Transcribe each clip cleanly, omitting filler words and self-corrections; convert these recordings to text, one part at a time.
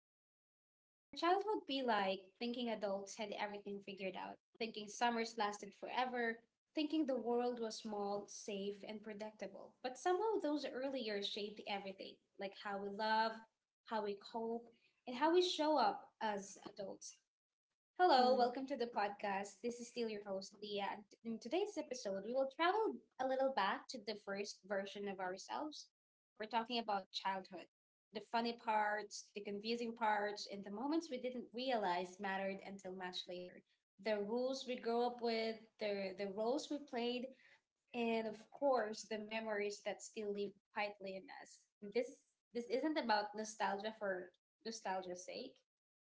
Hi. Your child would be like thinking adults had everything figured out, thinking summers lasted forever, thinking the world was small, safe, and predictable. But somehow those early years shaped everything, like how we love, how we cope, and how we show up as adults. Hello, Mm. welcome to the podcast. This is still your host, Leah. And in today's episode, we will travel a little back to the first version of ourselves. We're talking about childhood, the funny parts, the confusing parts, and the moments we didn't realize mattered until much later. The rules we grew up with, the roles we played, and of course the memories that still live quietly in us. This this isn't about nostalgia for nostalgia's sake.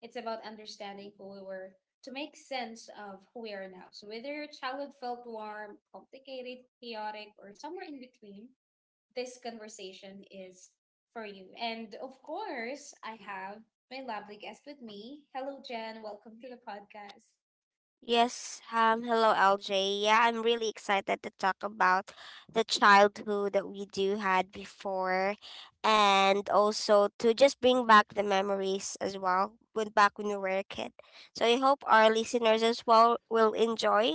It's about understanding who we were to make sense of who we are now. So whether your childhood felt warm, complicated, chaotic, or somewhere in between, this conversation is for you. And of course, I have my lovely guest with me. Hello, Jen. Welcome to the podcast. Yes, hello LJ. Yeah, I'm really excited to talk about the childhood that we do had before, and also to just bring back the memories as well when back when we were a kid. So I hope our listeners as well will enjoy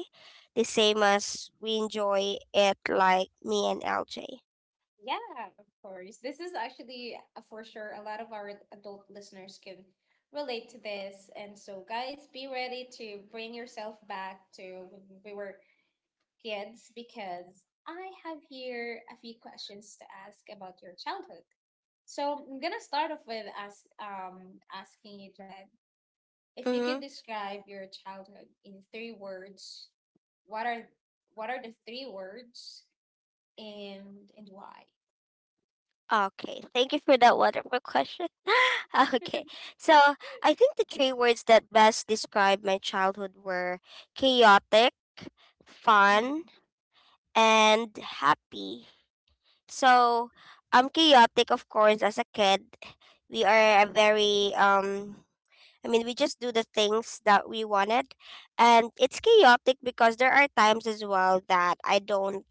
the same as we enjoy it like me and LJ. Yeah, of course. This is actually for sure a lot of our adult listeners can relate to this. And so, guys, be ready to bring yourself back to when we were kids because I have here a few questions to ask about your childhood. So, I'm gonna start off with asking you, Jed, if you Mm-hmm. could describe your childhood in three words, what are what are the three words and why? Okay, thank you for that wonderful question. Okay, so I think the three words that best describe my childhood were chaotic, fun, and happy. So I'm chaotic, of course, as a kid. We are a very I mean we just do the things that we wanted, and it's chaotic because there are times as well that I don't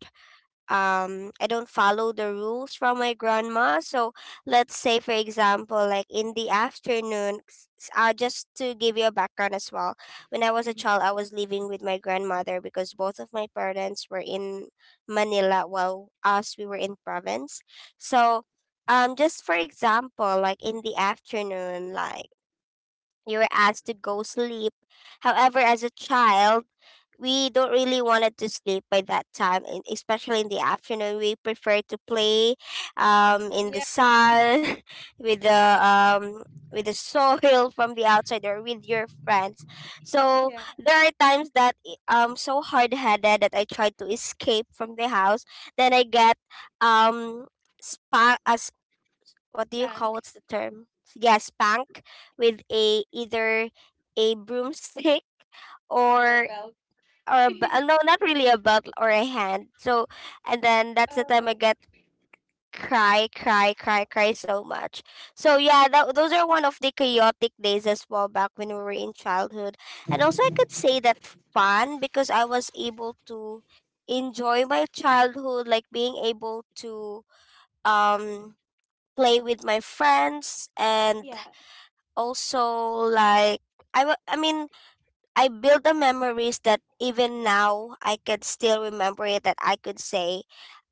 um I don't follow the rules from my grandma. So let's say, for example, like in the afternoon just to give you a background as well. When I was a Mm-hmm. child, I was living with my grandmother because both of my parents were in Manila while us we were in province. So just for example, like in the afternoon, like you were asked to go sleep. However, as a child, we don't really wanted to sleep by that time, and especially in the afternoon. We prefer to play in the Yeah, sun with the soil from the outside, or with your friends. So yeah, there are times that I'm so hard headed that I try to escape from the house. Then I get um spa, as what do you call, what's the term? Yeah, spank with a either a broomstick or a no, not really, a belt or a hand. So and then that's the time I get cry, cry, cry, cry so much. So yeah, those are one of the chaotic days as well back when we were in childhood. And also, I could say that fun because I was able to enjoy my childhood, like being able to um play with my friends. And yeah. also like I mean I build the memories that even now I can still remember it, that I could say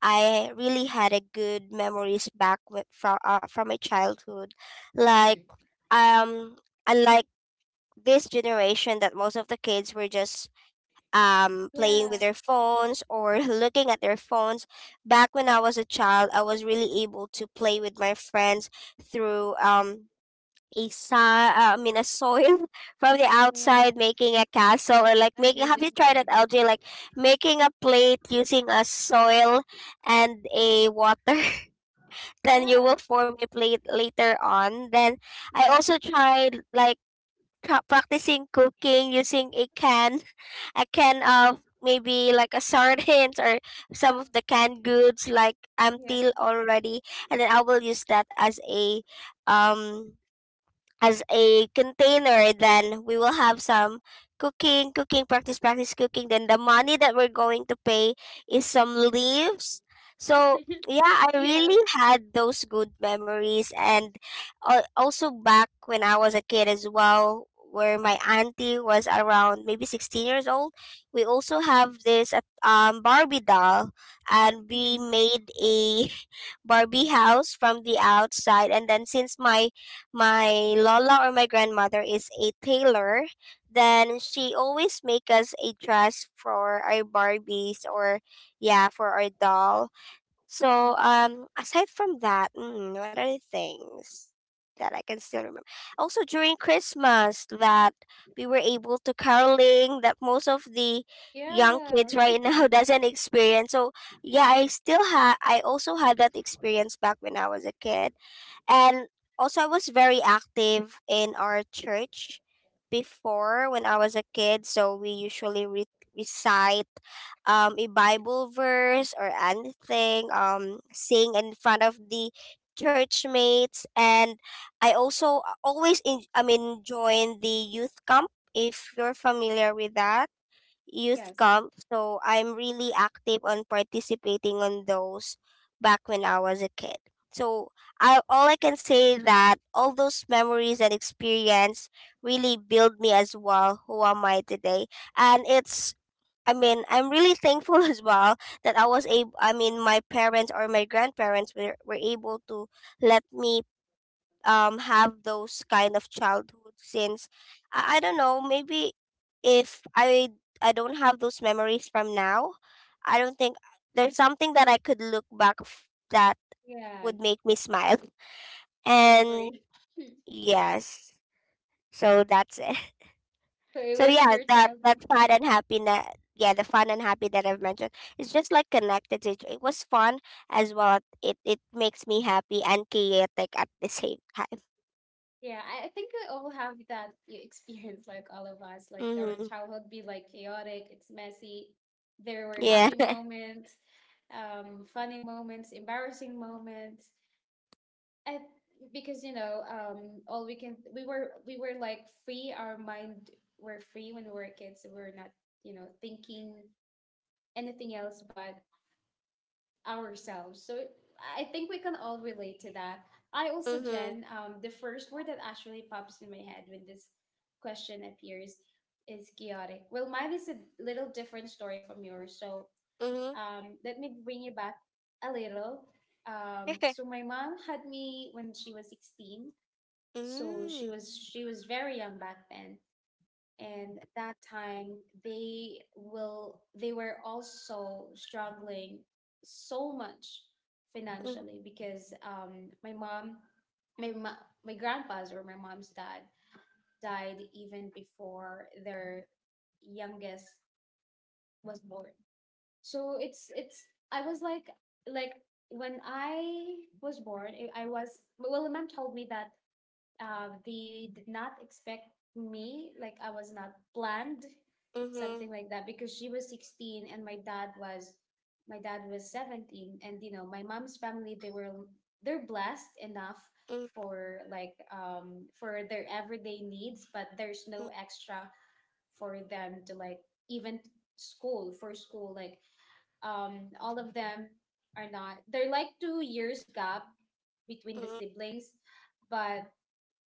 I really had a good memories back from my childhood. Like Mm. um unlike this generation that most of the kids were just playing with Yeah. their phones, or looking at their phones. Back when I was a child, I was really able to play with my friends through a sa I mean a soil from the outside, making a castle, or like making. Have you tried Understand. it, LJ? Like making a plate using a soil and a water, then you Yeah, will form a plate later on. Then I yeah, also tried like practicing cooking using a can, a can of maybe like a sardines, or some um, of the canned goods like yeah. empty already. And then I will use that um as a container, then we will have some cooking, practice cooking. Then the money that we're going to pay is some leaves. So yeah, I Yeah. really had those good memories. And also back when I was a kid as well, where my auntie was around maybe 16 years old, we also have this barbie doll, and we Mm-hmm. made a barbie house from the outside. And then, since my lola, or my grandmother, is a tailor, then she always make us a dress for our barbies, or yeah, for our doll. So Mm-hmm. Aside from that, what other things that I can still remember. Also during Christmas that we were able to caroling, that most of the young Yeah. kids right now doesn't experience. So yeah, I still had, I also had that experience back when I was a kid. And also, I was very active in our church before when I was a kid. So we usually recite a Bible verse or anything, sing in front of the church mates. And I also always join the youth camp, if you're familiar with that youth camp. So I'm really active on participating on those back when I was a kid. So I all I can say that all those memories and experience really build me as well, who am I today. And it's, I mean, I'm really thankful as well that I was able I mean my parents or my grandparents were able to let me have those kind of childhood. Since I don't know, maybe if I, I don't have those memories from now, I don't think there's something that I could look back that Yeah. would make me smile. I And agree. yes, so that's it. So it So was yeah, your that that childhood. fun and happiness, yeah, the fun and happy that I've mentioned, it's just like connected to it was fun as well, it makes me happy and chaotic at the same time. Yeah, I think we all have that experience, like all of us. Like our Mm-hmm. childhood be like chaotic, it's messy. There were Yeah. happy moments, funny moments, embarrassing moments. I, because you know, all we can we were like free, our mind were free when we were kids, so we were not, you know, thinking anything else but ourselves. So I think we can all relate to that. I also, Mm-hmm. Jen, um, the first word that actually pops in my head when this question appears is chaotic. Well, mine is a little different story from yours. So Mhm. um, let me bring you back a little. Um, so my mom had me when she was 16. So she Mm. was she was very young back then. And at that time, they were also struggling so much Mhm. financially because um, my mom, my grandpa's, or my mom's dad, died even before their youngest was born. So it's, I was like, when I was born, I was, well, my mom told me that they did not expect me, like I was not planned, something Mhm. like that, because she was 16 and my dad was 17. And you know, my mom's family, they were, they're blessed enough for, like, um, for their everyday needs, but there's no extra for them to like even school, for school, like um, all of them are not, they're like 2 years gap between the Mhm. siblings. But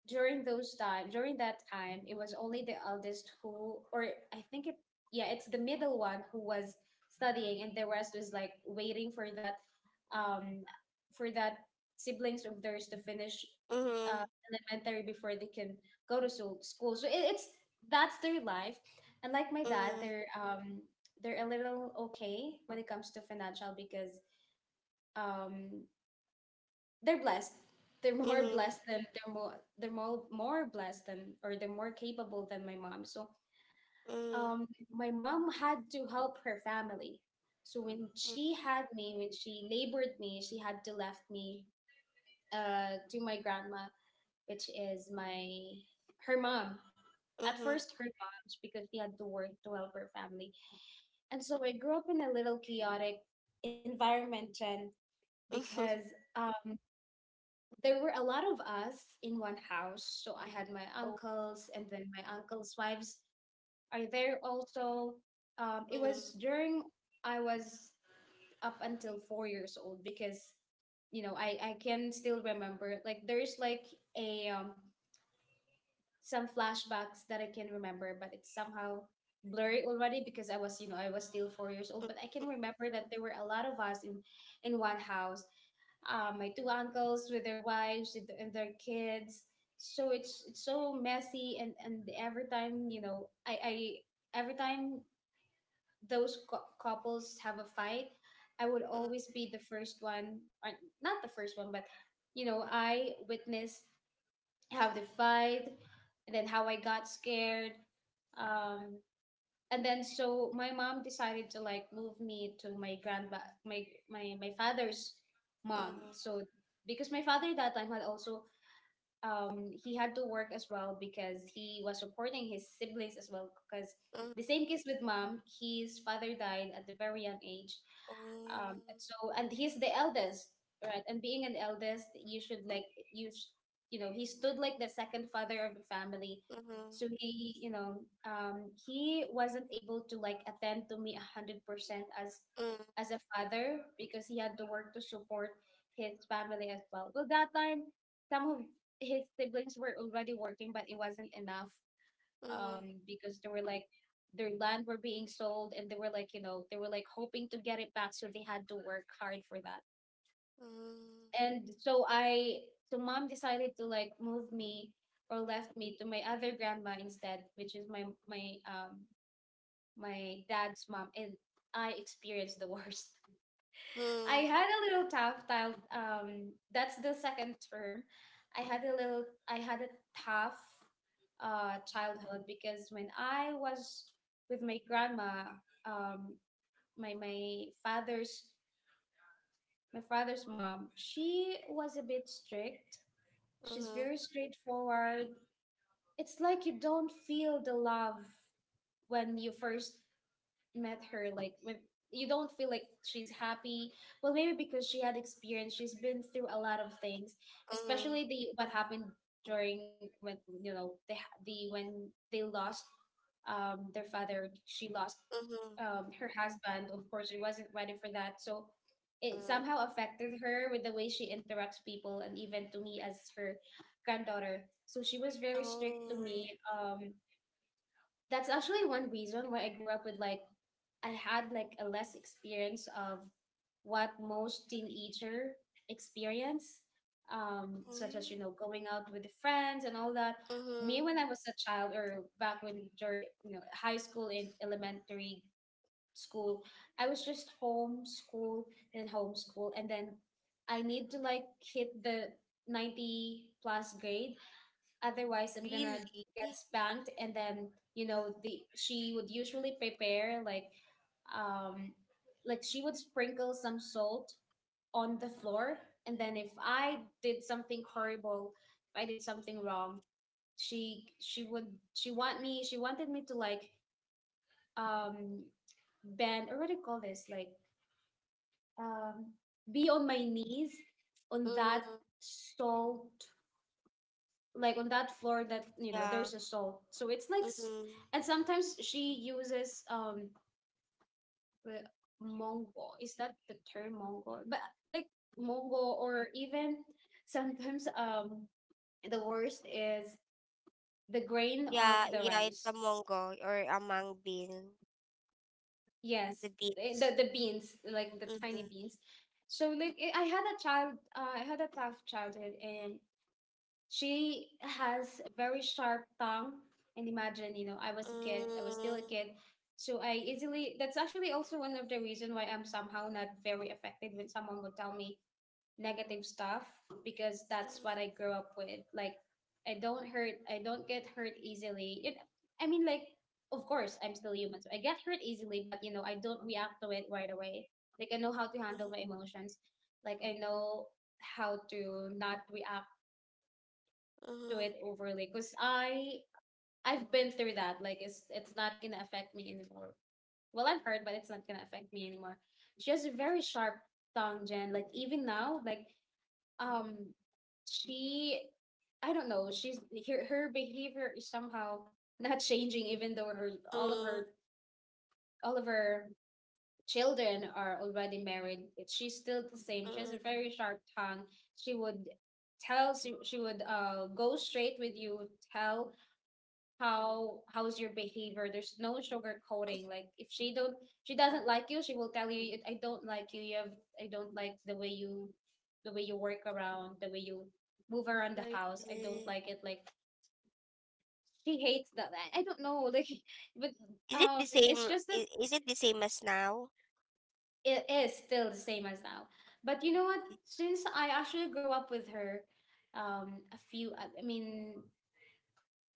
during that time, it was only the eldest who, or I think it, yeah, it's the middle one who was studying, and the rest was like waiting for that um, for that siblings of theirs to finish Mhm. uh, elementary before they can go to school. So it, it's that's their life. And like my dad, Mhm. they're um, they're a little okay when it comes to financial because um, they're blessed. They're Mhm. more Mhm. blessed than, they're more, they're more blessed than, or they're more capable than my mom. So Mhm. um, my mom had to help her family. So when Mhm. she had me, when she labored me, she had to left me to my grandma, which is my, her mom. At Mhm. first her mom, because she had to work to help her family. And so I grew up in a little chaotic environment, Jen, because there were a lot of us in one house. So I had my Oh. uncles, and then my uncles' wives are there also. It Mm. was during, I was up until 4 years old because you know, I can still remember. Like there's like a some flashbacks that I can remember, but it's somehow blurry already because I was, you know, I was still 4 years old, Mm. but I can remember that there were a lot of us in one house, my two uncles with their wives and their kids. So it's so messy, and every time, you know, I every time those couples have a fight, I would Mm. always be the first one, or not the first one, but you know, I witnessed how they fight, and then how I got scared. Um, and then so my mom decided to like move me to my grandma, my father's mom. Mm. So because my father that time had also, he had to work as well because he was supporting his siblings as well. Because Mhm. the Mm. same case with mom, his father died at a very young age. And Oh. so, and he's the eldest, right? And being an eldest, you should like, you, sh- you know, he stood like the second father of the family. So Mhm. he, you know, he wasn't able to like attend to me 100% Mhm. as a father because he had to work to support his family as well. Well, that time, some of his siblings were already working, but it wasn't enough Mhm. Because they were like their land were being sold, and they were like, you know, they were like hoping to get it back, so they had to work hard for that. Mhm. And so I, so mom decided to like move me, or left me to my other grandma instead, which is my, my dad's mom, and I experienced the worst. I Mhm. had a little tough time. That's the second term. I had a little. I had a tough childhood because when I was with my grandma, um, my my father's my father's mom, she was a bit strict. She's Mhm. very straightforward. It's like you don't feel the love when you first met her, like, when you don't feel like she's happy. Well, maybe because she had experience, she's been through a lot of things, Mhm. especially the what happened during, when you know, the when they lost um, their father, she lost Mhm. um, her husband. Of course, she wasn't ready for that. So it Mhm. somehow affected her with the way she interacts people, and even to me as her granddaughter. So she was very strict to me. Oh. Um, that's actually one reason why I grew up with, like, I had like a less experience of what most teenager experience, such as, you Mhm. know, going out with the friends and all that. Me, Mhm. when I was a child, or back when during, you know, high school and elementary school, I was just home school, and then I need to like hit the 90 plus grade, otherwise I'm gonna get Really? spanked. And then, you know, the, she would usually prepare, like um, like she would sprinkle some salt on the floor. And then if I did something horrible, if I did something wrong, she would she want me, she wanted me to like um, bend, or what do you call this, like um, be on my knees on that Mhm. salt, like on that floor, that you know, Yeah. there's a soul, so it's like Mhm. and sometimes she uses um, the mongo, is that the term, mongo, but like mongo, or even sometimes um, the worst is the grain Yeah, of the yeah, it's rice. a mongo or a mung bean, Yes, the eh, beans. The beans, like the tiny Mhm. beans. So like, eh, I had a tough childhood. And she has a very sharp tongue. And imagine, you know, I was a kid, I was still a Mm, kid. So I easily, that's actually also one of the reason why I'm somehow not very affected when someone would tell me negative stuff, because that's what mm, I grew up with. Like, I don't get hurt easily. It, I mean, like, of course, I'm still human, so I get hurt easily, but, you know, I don't react to it right away. Like, I know how to handle my emotions. Like, I know how to not react, do mm, it overly, because I've been through that. Like it's not gonna affect me anymore. Well, I'm hurt, but it's not gonna affect me anymore. She has a very sharp tongue, Jen. Like even now, like um, she, I don't know. She's, her behavior is somehow not changing, even though her mm, all of her children are already married. She's still the same. She has a mm. very sharp tongue. She would she would go straight with you, tell how's your behavior. There's no sugar coating. Like if she doesn't like you, she will tell you, "I don't like you. You have I don't like the way you work around, the way you move around the I house. I don't see. like it." Like she hates that. I don't know. Like but Is it the it's same? just that Is it the same as now? it is still the same as now. But you know what, Really? since I actually grew up with her a few I mean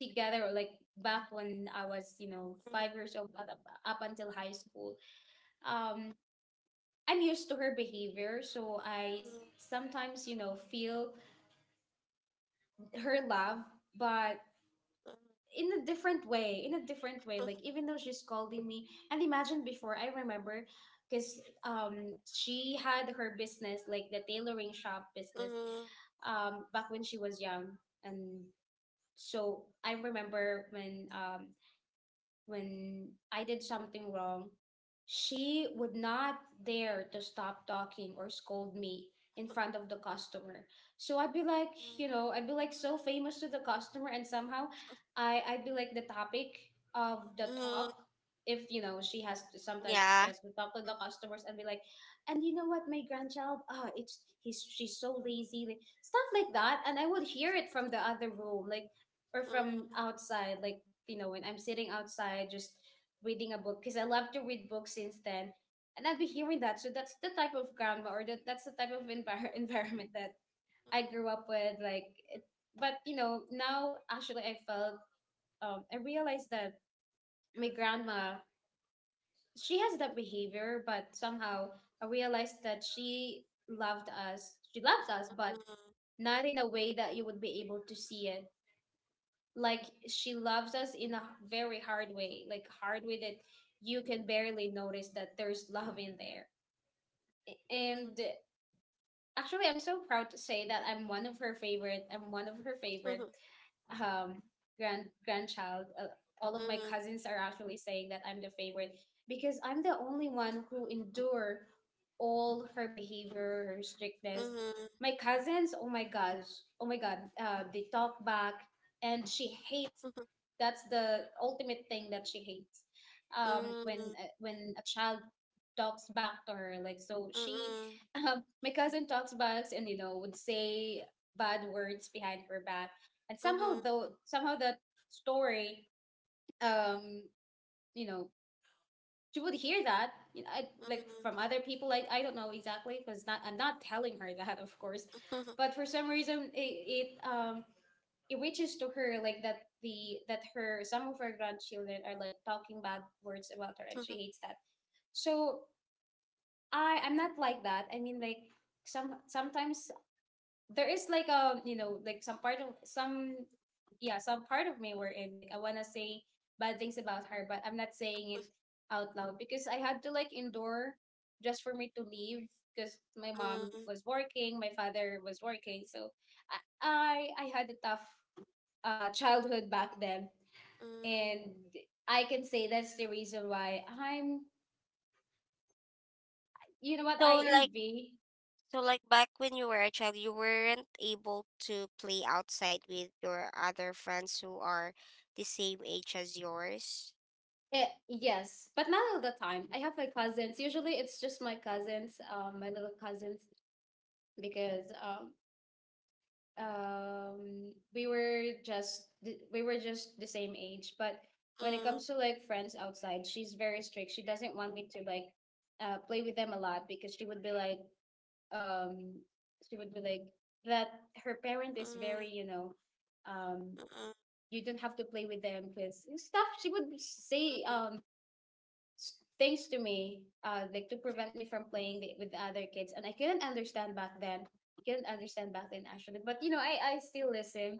together, like back when I was, you know, Mm, 5 years old, up until high school. Um, I'm used to her behavior, so sometimes, you know, feel her love, but mm, in a different way, in a different way. Like mm, even though she's scolding me, and imagine before, I remember because she had her business, like the tailoring shop business mm, back when she was young. And so I remember when I did something wrong, she would not dare to stop talking or scold me in front of the customer. So I'd be like, you know, mm, I'd be like so famous to the customer, and somehow I'd be like the topic of the mm, talk. If you know, she has to sometimes she yeah. has to talk to the customers and be like, and you know what, my grandchild, ah, it's he's she's so lazy, like stuff like that. And I would hear it from the other room, like or from Mm, outside, like you know, when I'm sitting outside just reading a book because I love to read books since then, and I'd be hearing that. So that's the type of grandma, or that that's the type of environment that I grew up with. It, but you know, now actually I felt I realized that my grandma, she has that behavior, but somehow I realized that she loved us. She loves us, but mhm, not in a way that you would be able to see it. Like she loves us in a very hard way, like hard way that you can barely notice that there's love in there. And mhm, actually, I'm so proud to say that I'm one of her favorite. I'm one of her favorite mhm, um grandchild. All of my mhm, cousins are actually saying that I'm the favorite because I'm the only one who endure all her behavior, her strictness. mhm, My cousins, oh my gosh, oh my god, they talk back, and she hates. mhm, That's the ultimate thing that she hates. Mm, When a child talks back to her, like so she mhm, my cousin talks back and you know would say bad words behind her back. And mhm, somehow, though somehow that story, um you know, she would hear that, you know, like from other people. I don't know exactly because not I'm not telling her that, of course. But for some reason it it reaches to her like that, the that her, some of her grandchildren, are like talking bad words about her, and she mhm, hates that. So I'm not like that. I mean, like, sometimes there is like a, you know, like some part of some, yeah, some part of me were in, like I wanna say bad things about her, but I'm not saying it out loud because I had to like endure just for me to leave. Because my mom mm, was working, my father was working, so I had a tough childhood back then. mm. And I can say that's the reason why I'm, you know what, So I like, envy. so like back when you were a child, you weren't able to play outside with your other friends who are the same age as yours. Eh, yes, but not all the time. I have my cousins. Usually, it's just my cousins, my little cousins, because we were we were just the same age. But when it Mm, comes to like friends outside, she's very strict. She doesn't want me to like play with them a lot because she would be like, um, she would be like that. Her parent is very, mm, you know, um, mm, you don't have to play with them because stuff. She would say mm, things to me, like to prevent me from playing with the other kids. And I couldn't understand back then. Couldn't understand back then actually, but you know, I still listen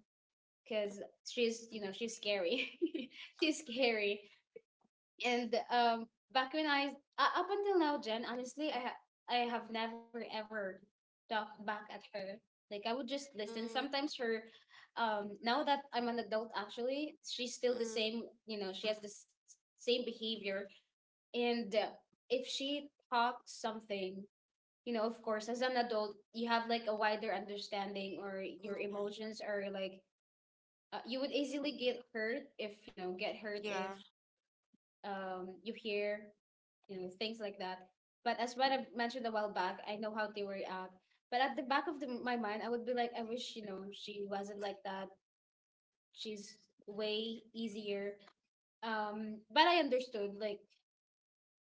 because she's, you know, she's scary, she's scary. And back when I up until now, Jen, honestly, I have never ever talked back at her. Like I would just listen. mm, Sometimes her now that I'm an adult actually, she's still the mm, same, you know, she has same behavior. And if she talks something, you know, of course as an adult you have like a wider understanding, or your mm, emotions are like you would easily get hurt if, you know, get hurt if yeah. You hear, you know, things like that. But as what I mentioned a while back, I know how they react, but at the back of my mind I would be like, I wish, you know, she wasn't like that. She's way easier. But I understood, like,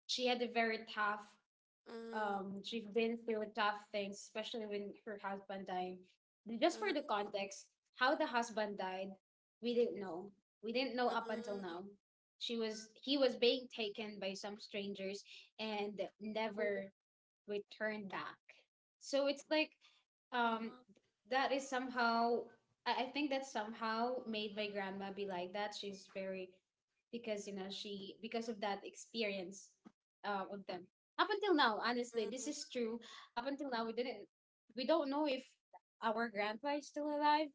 she had a very tough Mm, she's been through tough things, especially when her husband died. Just for mm. the context, how the husband died, we didn't know. We didn't know up until Mm, now. She was he was being taken by some strangers and oh, never return back. So it's like um ah, that is somehow, I think that somehow made my grandma be like that. She's very because, you know, she, because of that experience of them, up until now. Honestly, this mm, is true. Up until now, we don't know if our grandpa is still alive,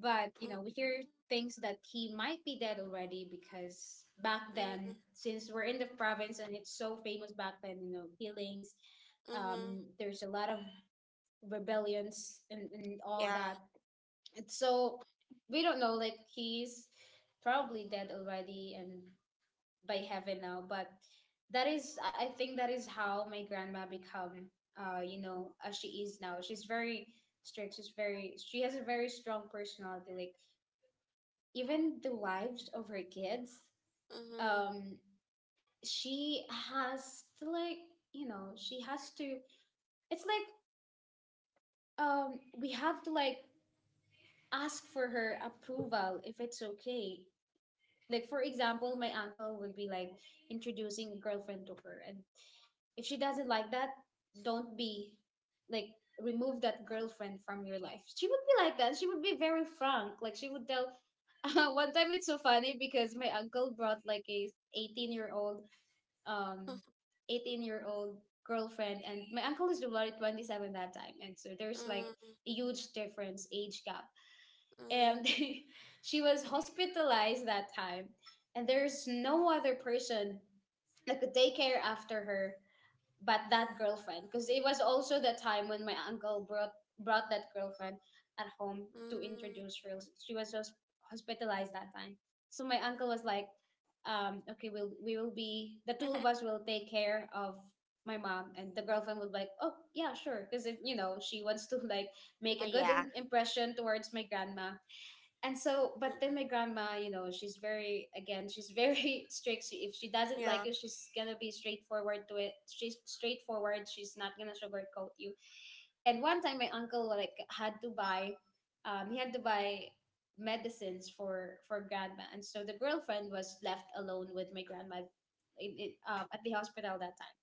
but, you mm, know, we hear things that he might be dead already because back then, mm, since we're in the province and it's so famous back then, you know, healings, mm, there's a lot of rebellions and all yeah, that. And so we don't know, like, he's probably dead already and by heaven now. But that is, I think that is how my grandma become, you know, as she is now. She's very strict. She has a very strong personality. Like, even the wives of her kids mm, um she has to like, you know, she has to, it's like we have to like ask for her approval if it's okay. Like for example, mm, my uncle would be like introducing a girlfriend to her, and if she doesn't like that, don't be like remove that girlfriend from your life. She would be like that. She would be very frank. Like she would tell. One time, it's so funny because my uncle brought like a 18-year-old um 18-year-old girlfriend, and my uncle is already 27 that time, and so there's like mm, a huge difference, age gap. mm, And she was hospitalized that time, and there's no other person that could take care after her but that girlfriend, because it was also the time when my uncle brought that girlfriend at home to mm. introduce her. She was just hospitalized that time, so my uncle was like, um, okay, we will, be the two of us will take care of my mom. And the girlfriend was like, oh, yeah, sure, because, you know, she wants to like make Uh, a good yeah, impression towards my grandma. And so but mm, then my grandma, you know, she's very, again, she's very strict. If she doesn't like yeah. you, she's gonna be straightforward to it. She's straightforward. She's not gonna sugarcoat you. And one time my uncle like had to buy he had to buy medicines for grandma. And so the girlfriend was left alone with my grandma at the hospital that time.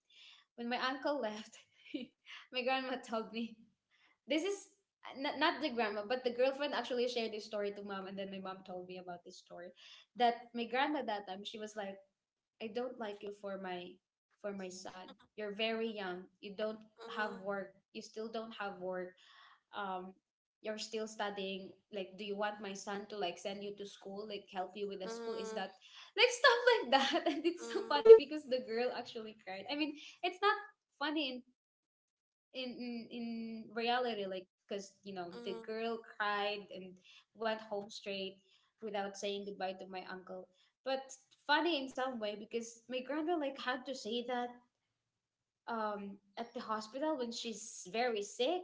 When my uncle left, my grandma told me this is not, not the grandma, but the girlfriend actually shared this story to mom, and then my mom told me about this story. That my grandma that time, she was like, "I don't like you for my, for my son. You're very young. You don't have Mm, work. You still don't have work. Um, you're still studying. Like, do you want my son to like send you to school? Like, help you with the school? Is that mm, like stuff like that?" And it's so mm, funny because the girl actually cried. I mean, it's not funny in reality, like, because you know mm, the mm, girl cried and went home straight without saying goodbye to my uncle, but funny in some way because my grandma like had to say that at the hospital when she's very sick.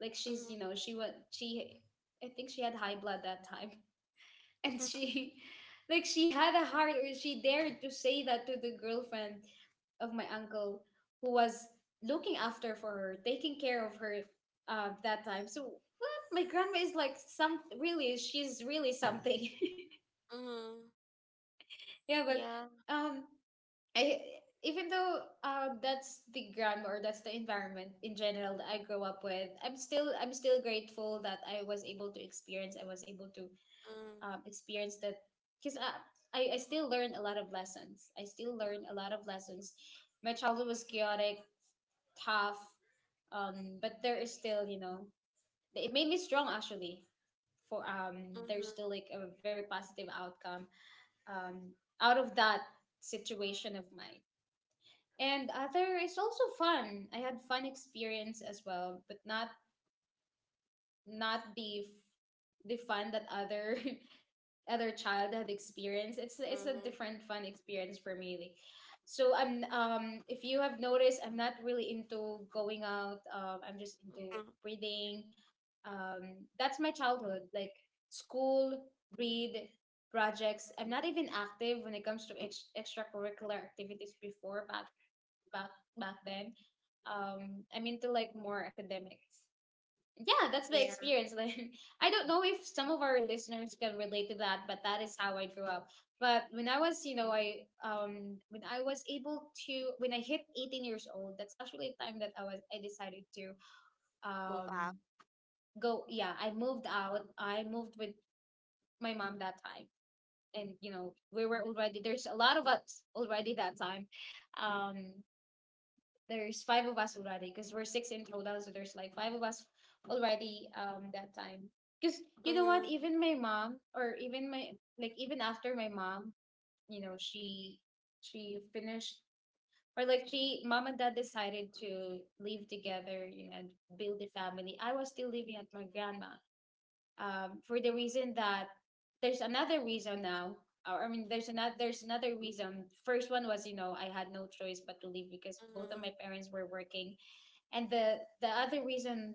Like, she's mm, you know she was she I think she had high blood that time and she, like, she had a heart, or she dared to say that to the girlfriend of my uncle who was looking after for her, taking care of her that time. So what? My grandma is like some really. She's really something. mm, Yeah, but yeah, um, I, even though that's the grandma or that's the environment in general that I grew up with, I'm still grateful that I was able to experience. I was able to mm, experience that because I still learn a lot of lessons. I still mm, learn a lot of lessons. My childhood was chaotic, tough, but there is still, you know, it made me strong actually. For there's still mm, like a very positive outcome, um out of that situation of mine. And other is also fun. I had fun experience as well, but not not the f- the fun that other other child had experienced. It's a mm, different fun experience for me. Like, so I'm if you have noticed, I'm not really into going out. I'm just into mm, reading. That's my childhood. Like, school, read, projects. I'm not even active when it comes to extracurricular activities before back back then. I'm into like more academics, yeah, that's my yeah, experience. Like, I don't know if some of our listeners can relate to that, but that is how I grew up. But when I was, you know, I when I was able to, when I hit 18 years old, that's actually the time that I decided to move out. um go. Yeah, I moved out. I moved with my mom that time. And you know, we were already, there's a lot of us already that time. Um there's five of us already, because we're six in total, so there's like five of us already that time, because you know what, Mm, even my mom or even my like even after my mom, you know, she finished, or like she, mom and dad decided to live together, you know, and build a family. I was still living at my grandma, for the reason that there's another reason now, or I mean there's another, there's another reason. First one was, you know, I had no choice but to leave because both of mm, my parents were working, and the other reason,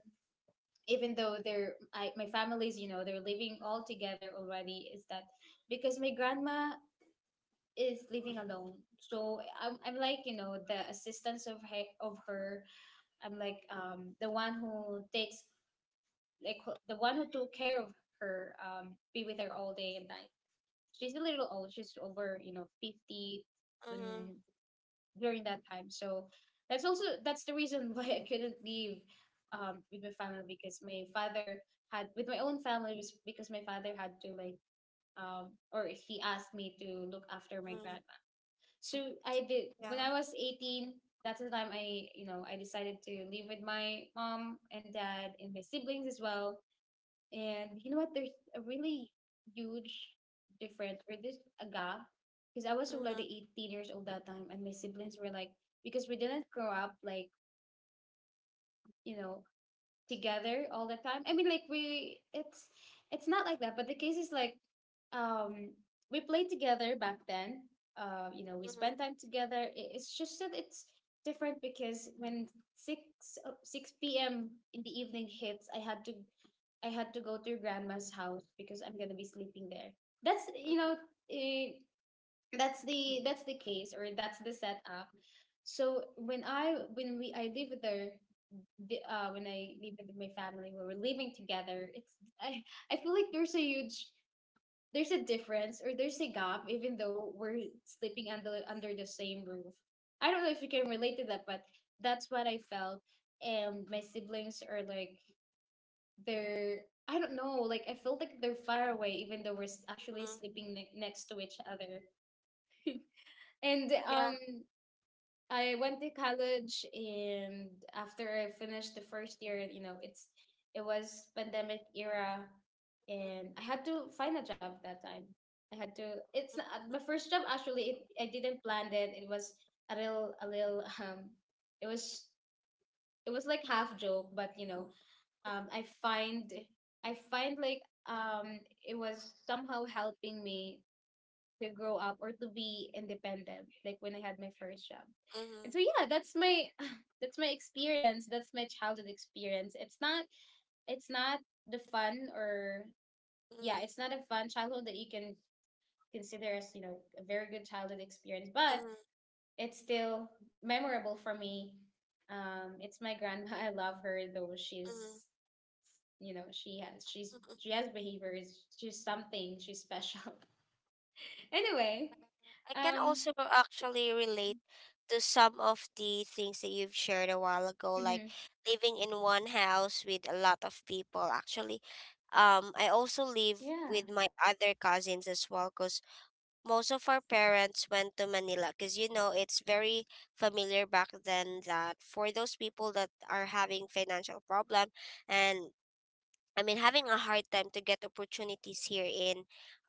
even though they're, I, my families, you know, they're living all together already, is that because my grandma is living alone. So I'm like, you know, the assistance of her, of her, I'm like the one who takes, like the one who took care of her, be with her all day and night. She's a little old, she's over, you know, 50 mm, when, during that time. So that's also that's the reason why I couldn't leave with my family, because my father had, with my own family, was because my father had to, like, or he asked me to look after my mm, grandma. So I did. When yeah, I was 18, that's the time I, you know, I decided to live with my mom and dad and my siblings as well. And you know what? There's a really huge difference, or this a gap, because I was mm, already 18 years old that time, and my siblings were like, because we didn't grow up like, you know, together all the time. I mean, like we, it's not like that. But the case is like, um, we played together back then. You know, we spent mm, time together. It's just that it's different because when six six p.m. in the evening hits, I had to, I had to go to your grandma's house because I'm gonna be sleeping there. That's, you know, eh, that's the case, or that's the setup. So when I when we I live with her, when I live with my family, when we're living together, it's, I I feel like there's a huge, there's a difference, or there's a gap even though we're sleeping under under the same roof. I don't know if you can relate to that, but that's what I felt. And my siblings are like, they're, I don't know, like I felt like they're far away, even though we're actually mm, sleeping next to each other. And yeah. I went to college, and after I finished the first year, you know, it's, it was pandemic era, and I had to find a job that time. I had to. It's Mm, not, my first job actually. It, I didn't plan it. It was a little, a little. It was, it was like half joke, but you know, um, I find I find like um it was somehow helping me to grow up or to be independent, like when I had my first job. And mm, so yeah, that's my that's my experience. That's my childhood experience. It's not, it's not the fun, or yeah, mm, it's not a fun childhood that you can consider as, you know, a very good childhood experience. But mm, it's still memorable for me. It's my grandma. I love her though. mm, mm. She's, you know, she has behaviors. She's something. She's special. Anyway, I can um, also actually relate to some of the things that you've shared a while ago, like mhm, living in one house with a lot of people. Actually, I also live yeah, with my other cousins as well, because most of our parents went to Manila, because you know it's very familiar back then, that for those people that are having financial problem and, I mean, having a hard time to get opportunities here in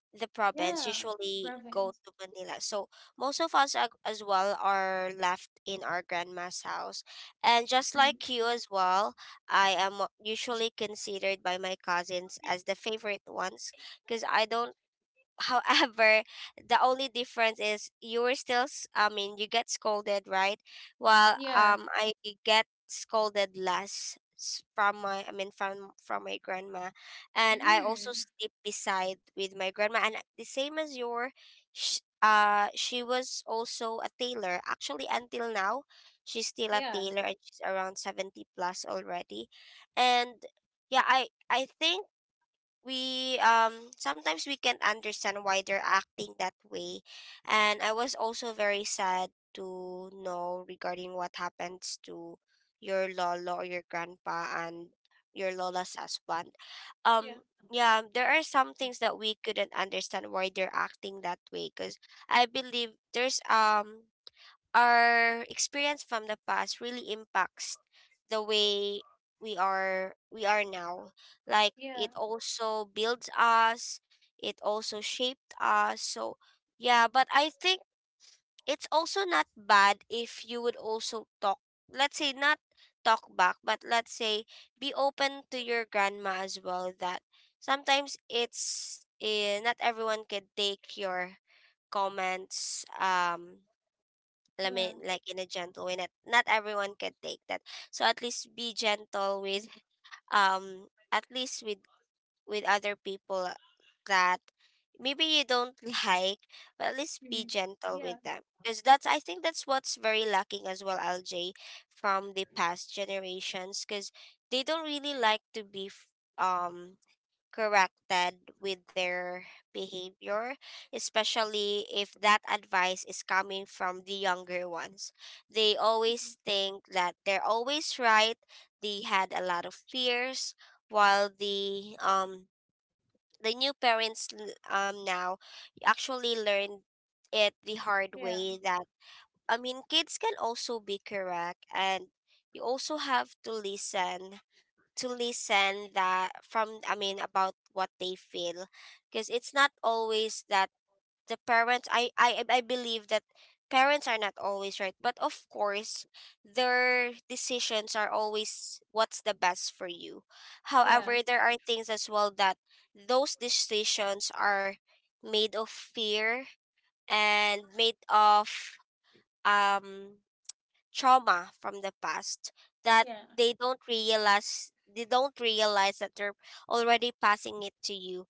the province yeah, usually Ravens. go to Manila. So most of us as well are left in our grandma's house. And just Mm, like you as well, I am usually considered by my cousins as the favorite ones, because I don't, however, the only difference is you were still I mean, you get scolded, right? well yeah, um i get scolded less from my I mean from my grandma. And I also mm, sleep beside with my grandma, and the same as your she was also a tailor, actually until now she's still a yeah, tailor, and she's around 70 plus already. And yeah, I think we, sometimes we can't understand why they're acting that way. And I was also very sad to know regarding what happens to your lolo, or your grandpa, and your lola's husband. yeah, um yeah, there are some things that we couldn't understand why they're acting that way, because I believe there's, our experience from the past really impacts the way we are now. Like, yeah, it also builds us, it also shaped us. So yeah, but I think it's also not bad if you would also talk, let's say, not talk back, but let's say be open to your grandma as well, that sometimes it's, not everyone can take your comments. I yeah, mean, like in a gentle way. Not not everyone can take that. So at least be gentle with, at least with other people that maybe you don't like, but at least be mhm, gentle yeah, with them. Because that's, I think that's what's very lacking as well, LJ, from the past generations. Because they don't really like to be um corrected with their behavior, especially if that advice is coming from the younger ones. They always think that they're always right. They had a lot of fears, while the new parents now actually learn it the hard yeah, way that, I mean, kids can also be correct, and you also have to listen that from, I mean, about what they feel, because it's not always that the parents I believe that parents are not always right, but of course their decisions are always what's the best for you. yeah, However, there are things as well that those decisions are made of fear and made of um trauma from the past that yeah, they don't realize that they're already passing it to you.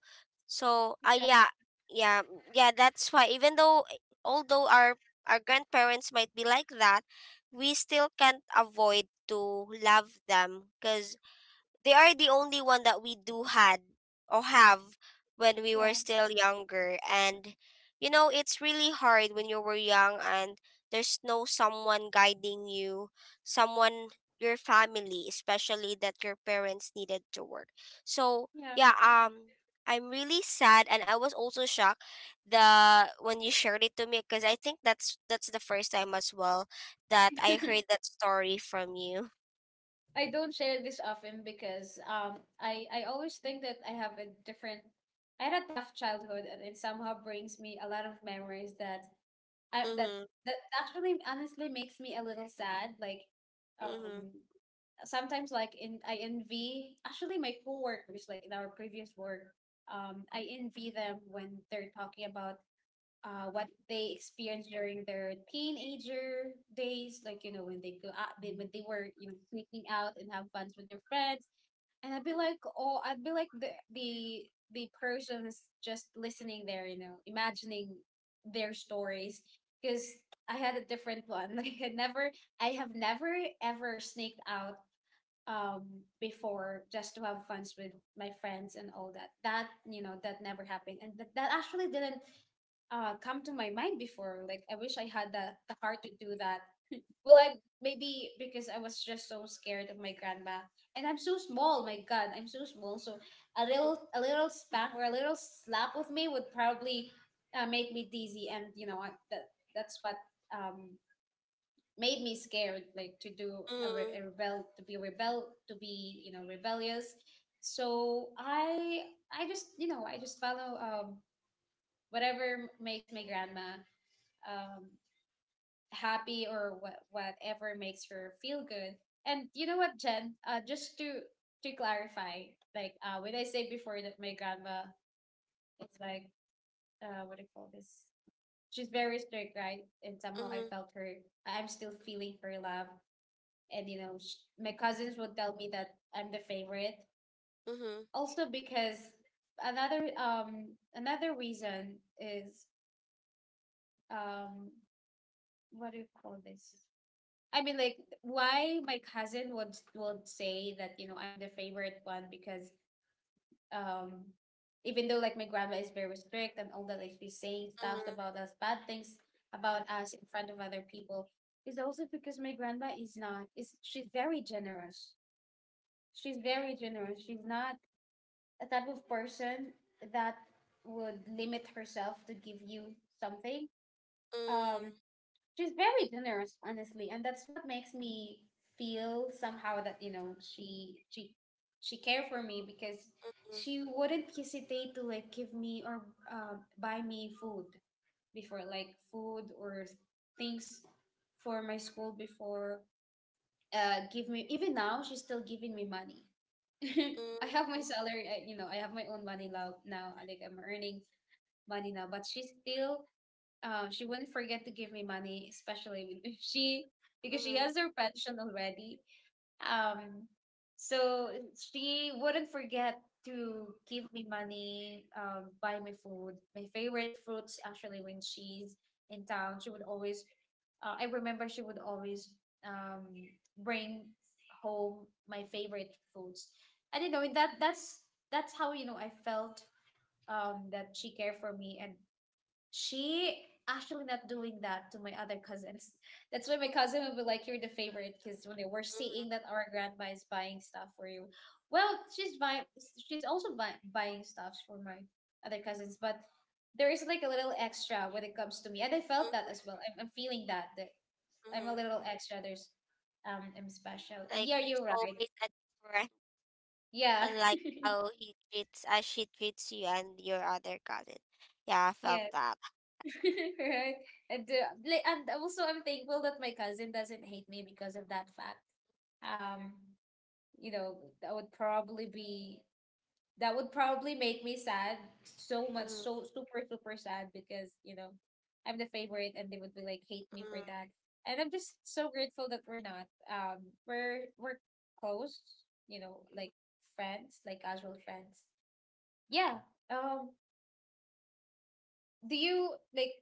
So exactly, yeah, yeah, yeah. That's why, even though although our grandparents might be like that, we still can't avoid to love them because they are the only one that we do had or have when we were yeah, still younger. And it's really hard when you were young and there's no someone guiding you, someone, your family, especially that your parents needed to work, so yeah. yeah. I'm really sad, and I was also shocked the when you shared it to me because I think that's the first time as well that I heard that story from you. I don't share this often because I always think that I have a different, I had a tough childhood, and it somehow brings me a lot of memories that I that Mm-hmm, that actually honestly makes me a little sad. Like mm-hmm. um sometimes like in, I envy actually my coworkers, like in our previous work, I envy them when they're talking about what they experienced during their teenager days, like, you know, when they go out, they, when they were, you know, sneaking out and have fun with their friends, and I'd be like, oh, I'd be like the person's just listening there, you know, imagining their stories, because I had a different one. Like I never, I have never ever sneaked out um before, just to have fun with my friends and all that. That, you know, that never happened, and that actually didn't come to my mind before. Like, I wish I had the heart to do that. Well, I, maybe because I was just so scared of my grandma, and I'm so small, my god, I'm so small. So a Mm-hmm. little, a little spank or a little slap of me would probably make me dizzy, and you know I, that that's what um made me scared, like to do a, Mm. a rebel, to be rebel, to be, you know, rebellious. So I just, you know, I just follow, whatever makes my grandma um happy, or whatever makes her feel good. And you know what, Jen, just to clarify, like, when I say before that my grandma is like, what do you call this, she's very strict, right? And somehow I Mhm, felt her, I'm still feeling her love. And you know, my cousins will tell me that I'm the favorite, mhm, also because another another reason is, um what do you call this, I mean, like, why my cousin would say that, you know, I'm the favorite one, because um even though like my grandma is very strict and all that, like she's saying stuff mhm, about us, bad things about us in front of other people, is also because my grandma is not, is, she's very generous. She's very generous. She's not a type of person that would limit herself to give you something. mm, Um, she's very generous, honestly, and that's what makes me feel somehow that, you know, she cared for me, because mhm, she wouldn't hesitate to like give me, or buy me food before, like food or things for my school before. Give me, even now she's still giving me money. I have mm, my salary. I, you know, I have my own money now. Now, I think I'm earning money now. But she still, she wouldn't forget to give me money, especially with- if she, because she mhm, has her pension already, um, so she wouldn't forget to give me money, buy me food. My favorite fruits, actually, when she's in town, she would always, I remember she would always um, bring home my favorite foods. I don't know, that that's how you know I felt that she cared for me, and she actually not doing that to my other cousins. That's why my cousin would be like, "You're the favorite," because when they were mhm, seeing that our grandma is buying stuff for you, well, she's buying. She's also buying stuff for my other cousins, but there is like a little extra when it comes to me, and I felt that mhm, as well. I'm feeling that I'm a mhm. little extra. There's I'm special, and Like yeah, there's you're right. always a difference, Yeah, unlike how he treats, as she treats you and your other cousin. Yeah, I felt yeah. that. Right? And also I'm thankful that my cousin doesn't hate me because of that fact. Um, you know, that would probably be that would probably make me sad so much, Mm, so super super sad because I'm the favorite, and they would be like hate me for mm, that. And I'm just so grateful that we're not. We're close, mm. like friends, like casual friends. Yeah. Um, do you like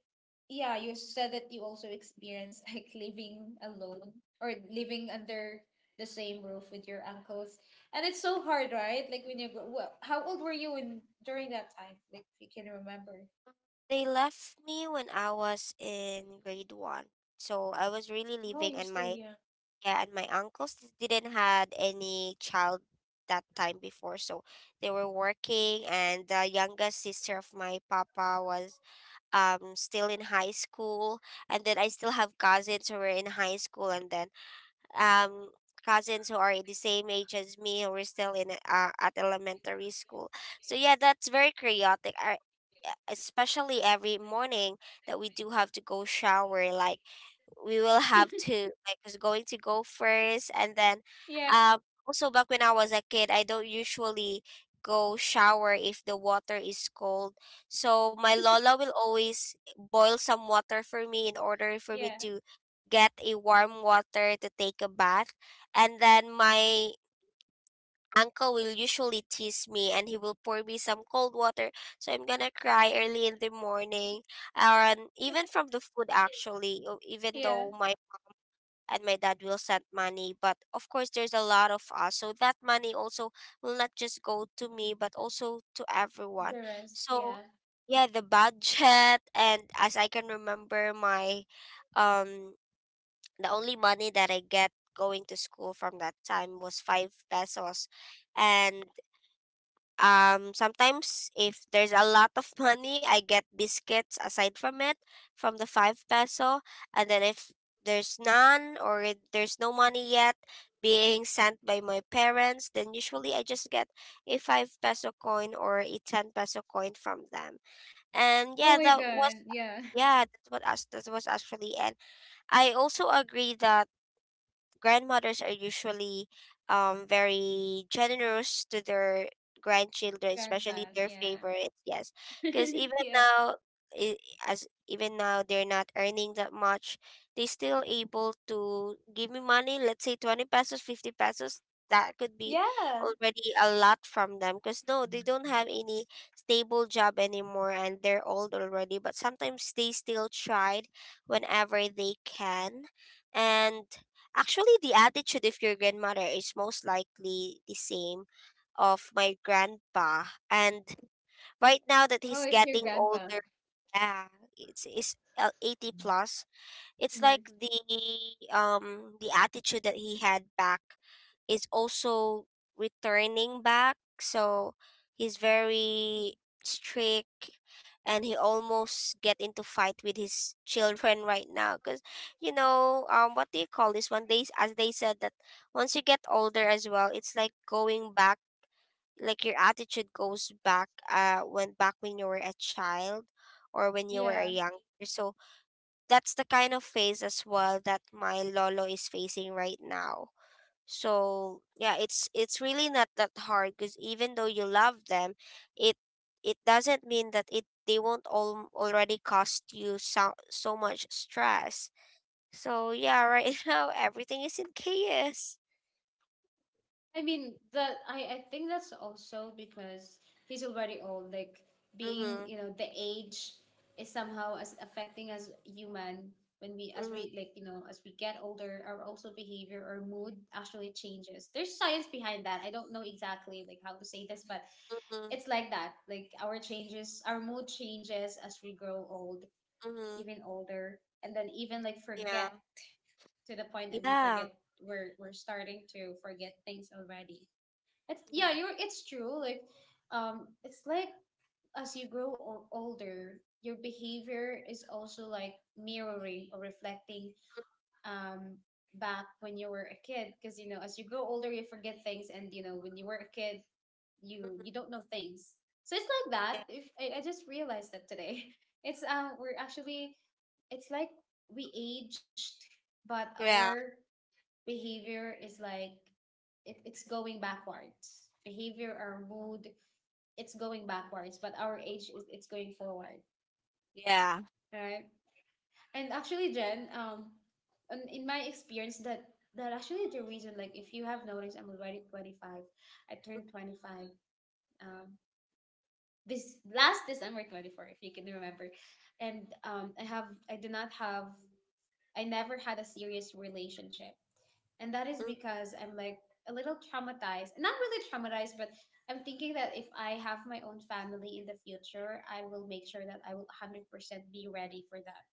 yeah, you said that you also experienced like living alone or living under the same roof with your uncles, and it's so hard, right? Like when you go, well, how old were you in during that time, like if you can remember. They left me when I was in grade one, so I was really Oh, living you're on still my. young. Yeah, and my uncles didn't had any child that time before, so they were working, and the youngest sister of my papa was still in high school, and then I still have cousins who were in high school, and then um cousins who are the same age as me who were still in at elementary school. So yeah, that's very chaotic. Especially every morning that we do have to go shower, like, we will have to like who's going to go first, and then um also back when I was a kid I don't usually go shower if the water is cold, so my lola will always boil some water for me in order for me to get a warm water to take a bath. And then my uncle will usually tease me and he will pour me some cold water so I'm gonna cry early in the morning. And even from the food actually even Yeah. though my, and my dad will send money, but of course there's a lot of us, so that money also will not just go to me but also to everyone. The rest, So yeah. yeah, the budget and as I can remember, my um the only money that I get going to school from that time was 5 pesos. And sometimes if there's a lot of money I get biscuits aside from it, from the 5 peso. And then if there's none, or if there's no money yet being sent by my parents, then usually I just get a 5 peso coin or a 10 peso coin from them. Oh And my yeah, that god. was Yeah. yeah that what us that was actually. And I also agree that grandmothers are usually very generous to their grandchildren, especially Grandchild, their yeah. favorites, yes, because even yeah. now, i- as even now they're not earning that much, they still able to give me money, let's say 20 pesos, 50 pesos, that could be already a lot from them because, no, they don't have any stable job anymore and they're old already, but sometimes they still tried whenever they can. And actually, the attitude of your grandmother is most likely the same of my grandpa. And right now that Oh, he's it's your getting grandpa. older, yeah, it's 80 plus. It's like Mhm. the attitude that he had back is also returning back, so he's very strict, and he almost get into fight with his children right now because, you know, what do you call this one, they as they said that once you get older as well it's like going back, like your attitude goes back when back when you were a child or when you were a Yeah. young, so that's the kind of phase as well that my lolo is facing right now. So yeah, it's really not that hard because even though you love them, it it doesn't mean that it they won't all already cost you so, so much stress. So yeah, right now everything is in chaos I mean that I think that's also because he's already old. Like being Mm-hmm, the age is somehow as affecting as human when mm-hmm, we like as we get older, our also behavior or mood actually changes. There's science behind that. I don't know exactly like how to say this, but mm-hmm, it's like that. Like our changes, our mood changes as we grow old, mm-hmm. even older, and then even like Yeah, forget to the point that we yeah, forget we're starting to forget things already. It's yeah, yeah. you're it's true. Like it's like as you grow older, your behavior is also like mirroring or reflecting um, back when you were a kid because as you grow older you forget things, and when you were a kid Mhm, you don't know things, so it's like that. yeah, If I, I just realized that today. it's We're actually it's like we aged, but yeah, our behavior is like it's going backwards behavior our mood, it's going backwards but our age is it's going forward, yeah. right? And actually, Jen, in my experience, that actually the reason, like, if you have noticed, I'm already 25. I turned 25. Um, this last December 24, if you can remember, and I do not have, I never had a serious relationship, and that is Mm, mm. because I'm like a little traumatized. Not really traumatized, but I'm thinking that if I have my own family in the future, I will make sure that I will 100% be ready for that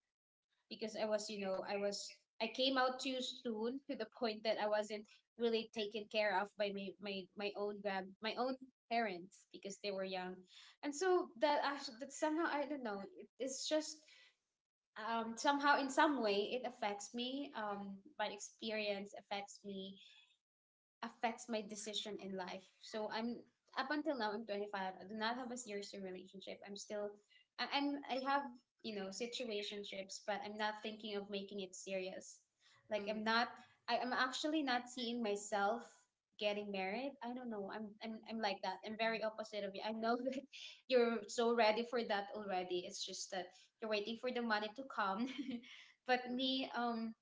because I was, I was I came out too soon to the point that I wasn't really taken care of by my own parents because they were young. And so that actually that somehow I don't know, it's just somehow in some way it affects me. My experience affects me affects my decision in life. So I'm up until now I'm 25. I do not have a serious relationship. I'm still I have, situationships, but I'm not thinking of making it serious. Like I'm not I'm actually not seeing myself getting married. I don't know. I'm like that. I'm very opposite of you. I know that you're so ready for that already. It's just that you're waiting for the money to come. But me,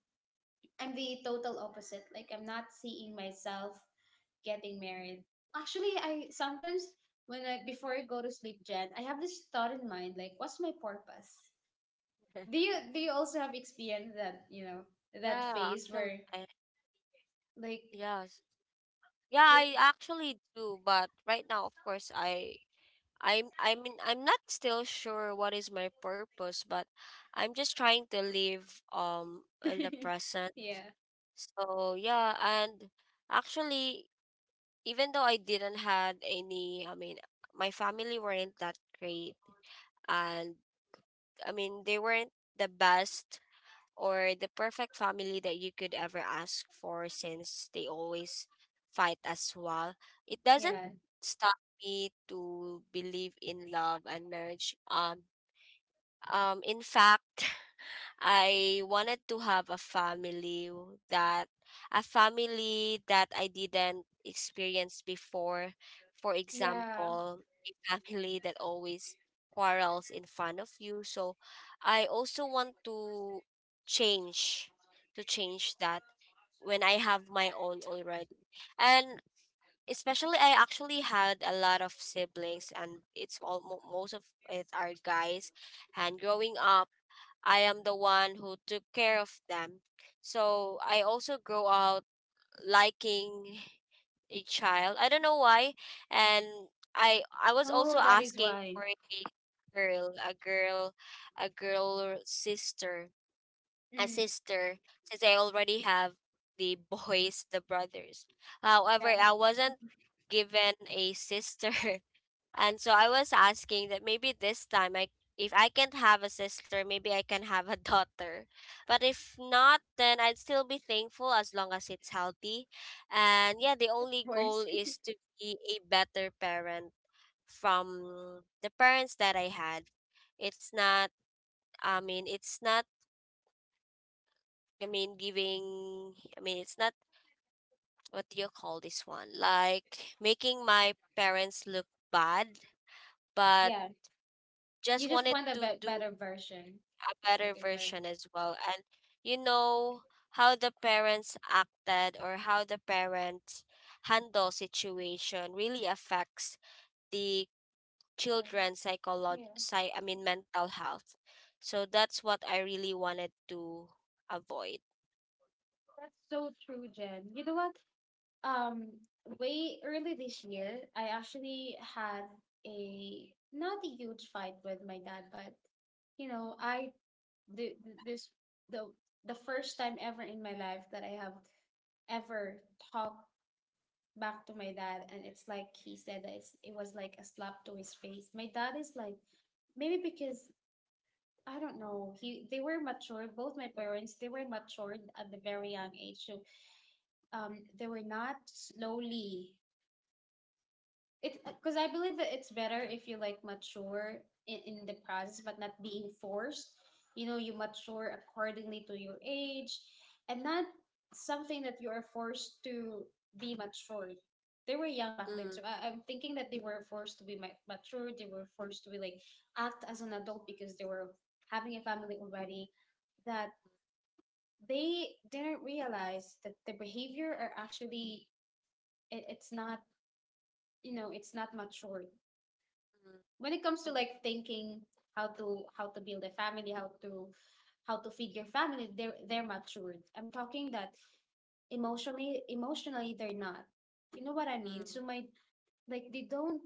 I'm the total opposite. Like I'm not seeing myself getting married. Actually, I sometimes when I before I go to sleep, Jen, I have this thought in mind like, what's my purpose? Do you also have experience that you know that Yeah, phase actually where I. like Yes. Yeah, I like actually do, but right now, of course, I'm, I mean, I'm not still sure what is my purpose, but I'm just trying to live in the present. yeah So yeah. And actually, even though I didn't had any, I mean, my family weren't that great, and I mean they weren't the best or the perfect family that you could ever ask for since they always fight as well. It doesn't yeah stop me to believe in love and marriage. In fact, I wanted to have a family that I didn't experience before. For yeah. example, a family that always quarrels in front of you. So I also want to change, to change that when I have my own already. And especially I actually had a lot of siblings, and it's all most of it are guys, and growing up I am the one who took care of them. So I also grow out liking a child. I don't know why. And I was also Oh, that is asking why. for girl, a girl, a girl sister, a Mm, sister, since I already have the boys, the brothers. However, yeah of I wasn't given a sister. And so I was asking that maybe this time I if I can't have a sister, maybe I can have a daughter. But if not, then I'd still be thankful as long as it's healthy. And yeah, the only goal course. is to be a better parent from the parents that I had. It's not, I mean, it's not, I mean giving, I mean it's not, what do you call this one? Like making my parents look bad, but Yeah. You just just wanted want a to do better version. a It's better like a better. version as well. And you know how the parents acted or how the parents handle situation really affects the Yeah. children's Yeah. I mean mental health. So that's what I really wanted to avoid. So true, Jen. You know what? Um, way early this year, I actually had a not a huge fight with my dad, but you know, I the- this the the first time ever in my life that I have ever talked back to my dad, and it's like he said that it's it was like a slap to his face. My dad is like maybe because I don't know. He they were mature. Both my parents they were matured at the very young age. So they were not slowly it because I believe that it's better if you like mature in the process, but not being forced. You know, you mature accordingly to your age, and not something that you are forced to be matured. They were young back then, Mm, so I'm thinking that they were forced to be mature. They were forced to be like act as an adult because they were having a family already. That they didn't realize that the behavior are actually it's not you know it's not matured mm, when it comes to like thinking how to build a family, how to feed your family, they're matured. I'm talking that emotionally emotionally they're not. You know what I mean? mm. So my like they don't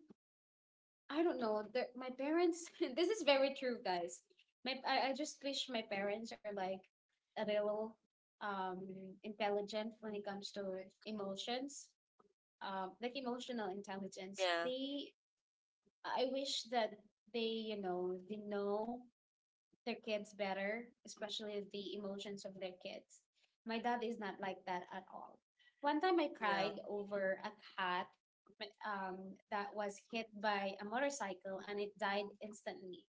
I don't know. My parents this is very true, guys. I just wish my parents are like a little um intelligent when it comes to emotions. Like emotional intelligence. Yeah, They I wish that they, they know their kids better, especially the emotions of their kids. My dad is not like that at all. One time I yeah. cried over a cat um, that was hit by a motorcycle and it died instantly.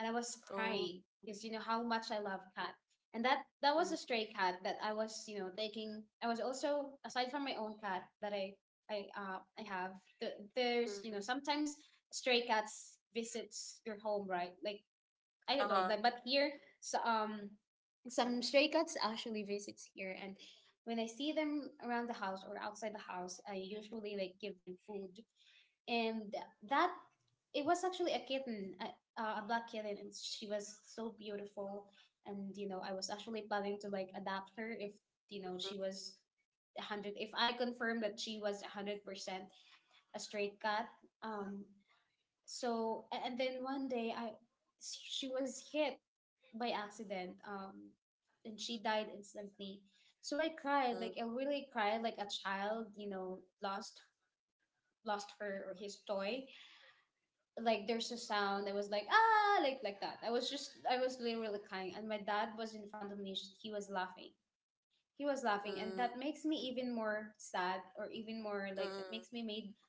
And I was Oh, crying because you know how much I love cat. And that that was mm, a stray cat that I was you know taking. I was also aside from my own cat that I have. There's mm, you know mm. sometimes stray cats visits your home right like I don't know, Uh-huh. like but here, so, some stray cats actually visits here, and when I see them around the house or outside the house, I usually like give them food, and that it was actually a kitten, a black kitten, and she was so beautiful, and you know I was actually planning to like adapt her if you know she was. 100 if I confirmed that she was 100% a stray cat um so and then one day I she was hit by accident. And she died instantly. So I cried, Mm, like I really cried, like a child, you know, lost lost her or his toy. Like there's a sound. I was like ah, like that. I was literally crying, and my dad was in front of me. He was laughing. He was laughing, and mm, that makes me even more sad, or even more mm, like that mm, makes me made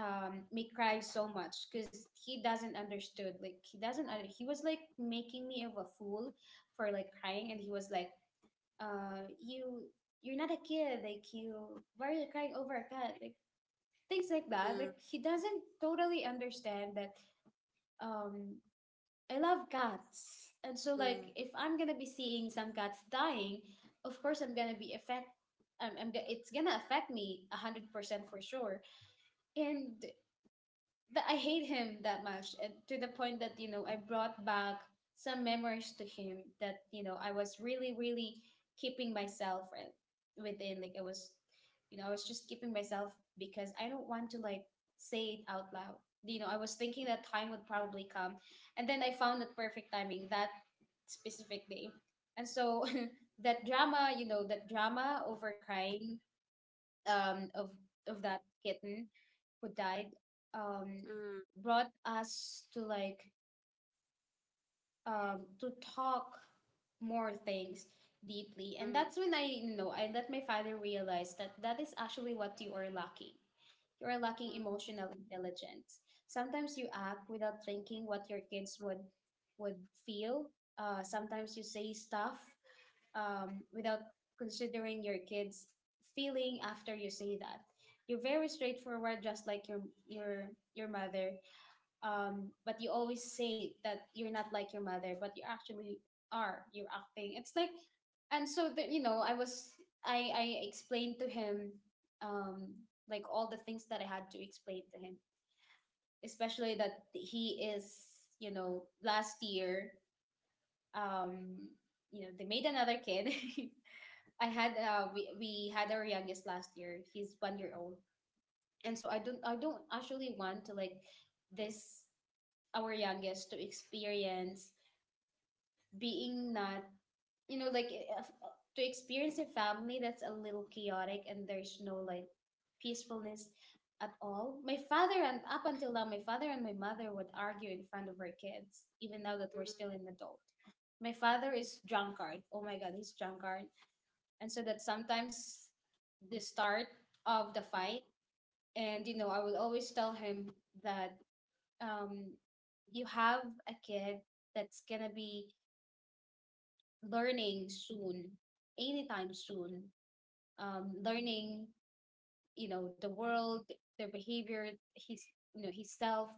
me cry so much because he doesn't understood. Like he doesn't. He was like making me of a fool for like crying, and he was like uh, you you're not a kid, like you why are you crying over a cat, like things like that. mm, Like he doesn't totally understand that um, I love cats, and so mm, like mm, if I'm gonna be seeing some cats dying, of course I'm gonna be affect. It's gonna affect me 100% for sure, and that I hate him that much to the point that you know I brought back some memories to him that you know I was really really keeping myself within like I was you know I was just keeping myself because I don't want to like say it out loud. You know, I was thinking that time would probably come, and then I found the perfect timing that specific day. And so that drama you know that drama over crying um, of of that kitten who died um, mm, brought us to like to talk more things deeply, mm, and mm, that's when I you know I let my father realize that that is actually what you are lacking. You are lacking emotional intelligence. Sometimes you act without thinking what your kids would feel. Sometimes you say stuff without considering your kids' feeling after you say that. You're very straightforward, just like your your mother. But you always say that you're not like your mother, but you actually are. You're acting. It's like and so that you know, I was I explained to him um, like all the things that I had to explain to him, especially that he is, you know, last year, um, you know, they made another kid. I had we had our youngest last year. He's 1 year old. And so I don't actually want to like this our youngest to experience being not you know like eh, of- to experience a family that's a little chaotic and there's no like peacefulness at all. My father, and up until now, my father and my mother would argue in front of our kids, even now that mm, we're still an adult. My father is drunkard. Oh my god, he's drunkard, and so that sometimes the start of the fight. And you know, I will always tell him that, um, you have a kid that's gonna be learning soon, anytime soon, learning, you know, the world, their behavior, his, you know, his self.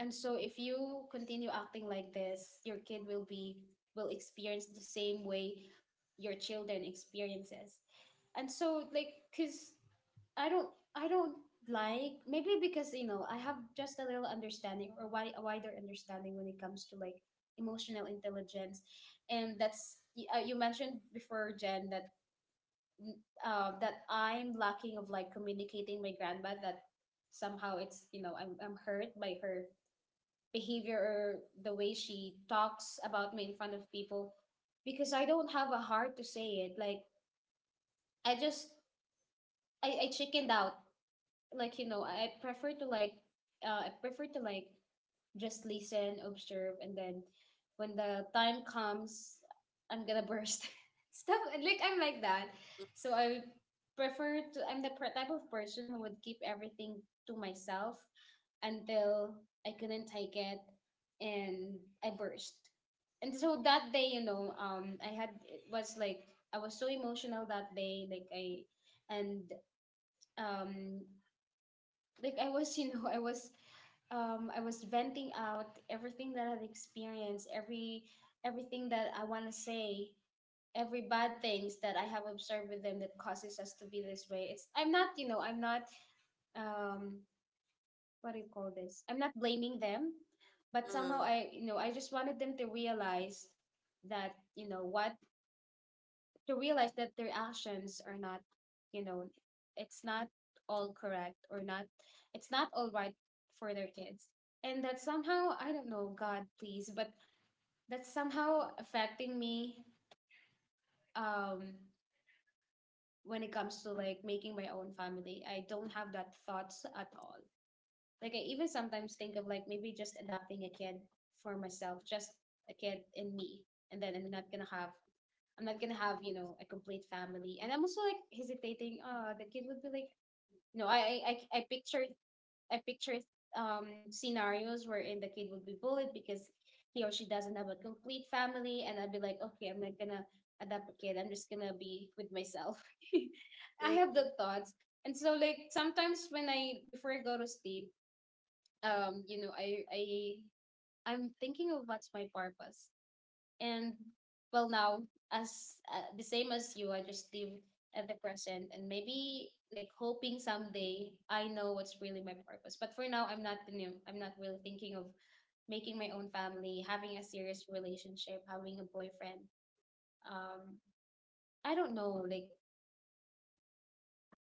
And so if you continue acting like this, your kid will be will experience the same way your children experiences. And so like because i don't I don't like maybe because you know I have just a little understanding or a wider understanding when it comes to like emotional intelligence. And you mentioned before, Jen, that mm, that I'm lacking of like communicating my grandma, that somehow it's, you know, I'm hurt by her behavior or the way she talks about me in front of people, because I don't have a heart to say it. Like I just I chickened out. Like you know, I prefer to like uh, i prefer to like just listen, observe, and then when the time comes I'm gonna burst. Stuff like I'm like that. So I prefer to type of person who would keep everything to myself until I couldn't take it, and I burst. And so that day, you know, I had it was like I was so emotional that day like I. And um like you know, I was venting out everything that I've experienced, everything that I wanna say, every bad things that I have observed with them that causes us to be this way. It's I'm not, you know, I'm not um what do you call this? I'm not blaming them, but somehow mm. I, you know, I just wanted them to realize that, you know, what to realize that their actions are not, you know, it's not all correct or not, it's not all right for their kids. And that somehow, I don't know, God, please, but that's somehow affecting me, um, when it comes to like making my own family. I don't have that thoughts at all. Like, I even sometimes think of like maybe just adopting a kid for myself, just a kid in me, and then I'm not gonna have you know, a complete family. And I'm also like hesitating, oh, the kid would be like no, I pictured I pictured scenarios wherein the kid would be bullied because he or she doesn't have a complete family, and I'd be like, okay, I'm not gonna adopt a kid. I'm just gonna be with myself. I Mm, have mm. the thoughts. And so like sometimes when I before I go to sleep, you know, I I'm thinking of what's my purpose. And well, now, as the same as you, I just live at the present, and maybe like hoping someday I know what's really my purpose. But for now, I'm not really thinking of making my own family, having a serious relationship, having a boyfriend. um I don't know, like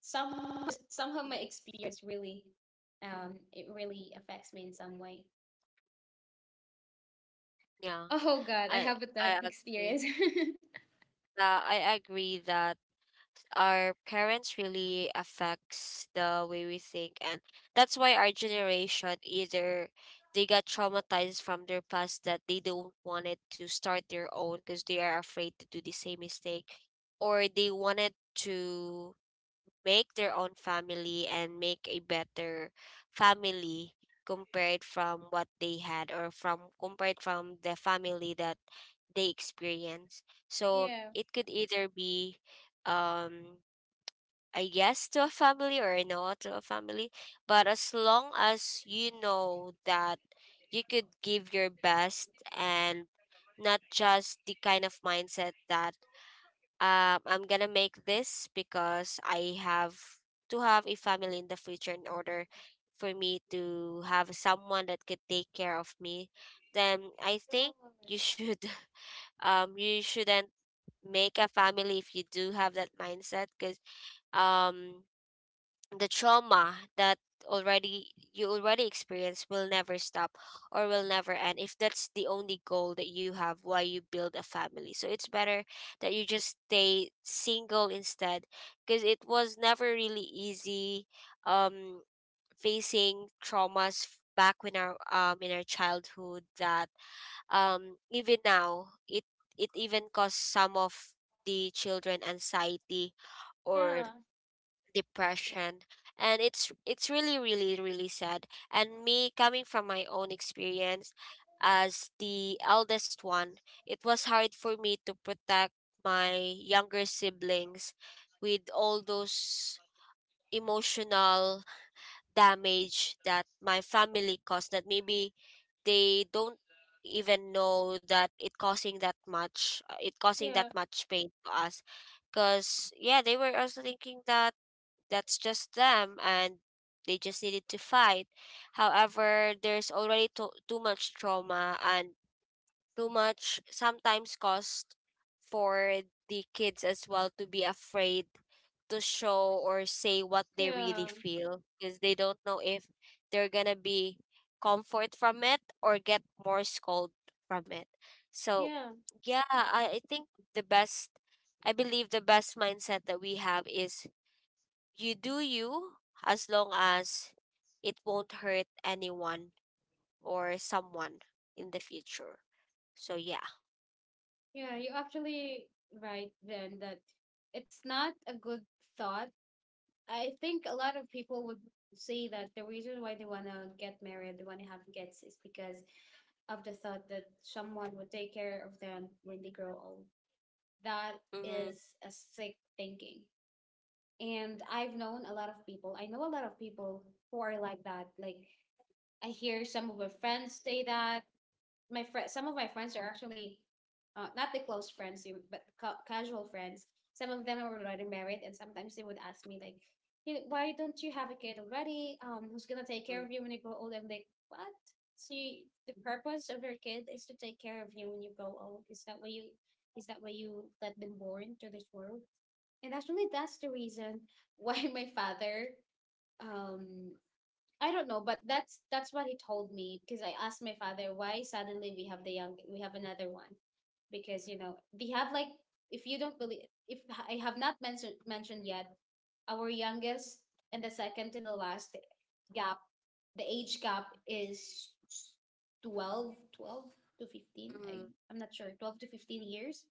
somehow, somehow my experience really, it really affects me in some way. Yeah, Oh god, I I have a I tough agree. experience. I agree that our parents really affects the way we think. And that's why our generation either they got traumatized from their past that they don't wanted to start their own because they are afraid to do the same mistake, or they wanted to make their own family and make a better family compared from what they had, or from compared from the family that they experience. So Yeah, it could either be um a yes to a family or a no to a family. But as long as you know that you could give your best, and not just the kind of mindset that, I'm gonna make this because I have to have a family in the future in order for me to have someone that could take care of me, then I think you should. You shouldn't make a family if you do have that mindset, because um the trauma that already you already experienced will never stop or will never end if that's the only goal that you have why you build a family. So it's better that you just stay single instead, because it was never really easy, um facing traumas back when our in our childhood, that even now it even caused some of the children anxiety or depression, and it's really really really sad. And me coming from my own experience as the eldest one, it was hard for me to protect my younger siblings with all those emotional damage that my family caused that maybe they don't even know that it causing that much, it causing that yeah, much pain to us, because, yeah, they were also thinking that that's just them and they just needed to fight. However, there's already too much trauma and too much sometimes cost for the kids as well to be afraid to show or say what they yeah, really feel because they don't know if they're gonna be comfort from it or get more scold from it. So yeah. yeah, I think the best I believe the best mindset that we have is you do you as long as it won't hurt anyone or someone in the future. So yeah. Yeah, you actually right then that it's not a good thought. I think a lot of people would say that the reason why they wanna get married, they wanna have kids, is because of the thought that someone would take care of them when they grow old. That Mm-hmm. is a sick thinking. And I've known a lot of people. I know a lot of people who are like that. Like I hear some of my friends say that some of my friends are actually, not the close friends, but casual friends. Some of them are already married, and sometimes they would ask me like, "You- Why don't you have a kid already? Who's gonna take care of you when you grow old?" I'm like, "What? So you, the purpose of your kid is to take care of you when you grow old? Is that why you? Is that why you that been born to this world?" And actually, that's the reason why my father um I don't know, but that's what he told me, because I asked my father why suddenly we have the young we have another one. Because you know, they have like if you don't believe, if I have not mentioned yet, our youngest and the second to the last gap the age gap is 12 to 15, I Mm-hmm. I'm not sure, 12 to 15 years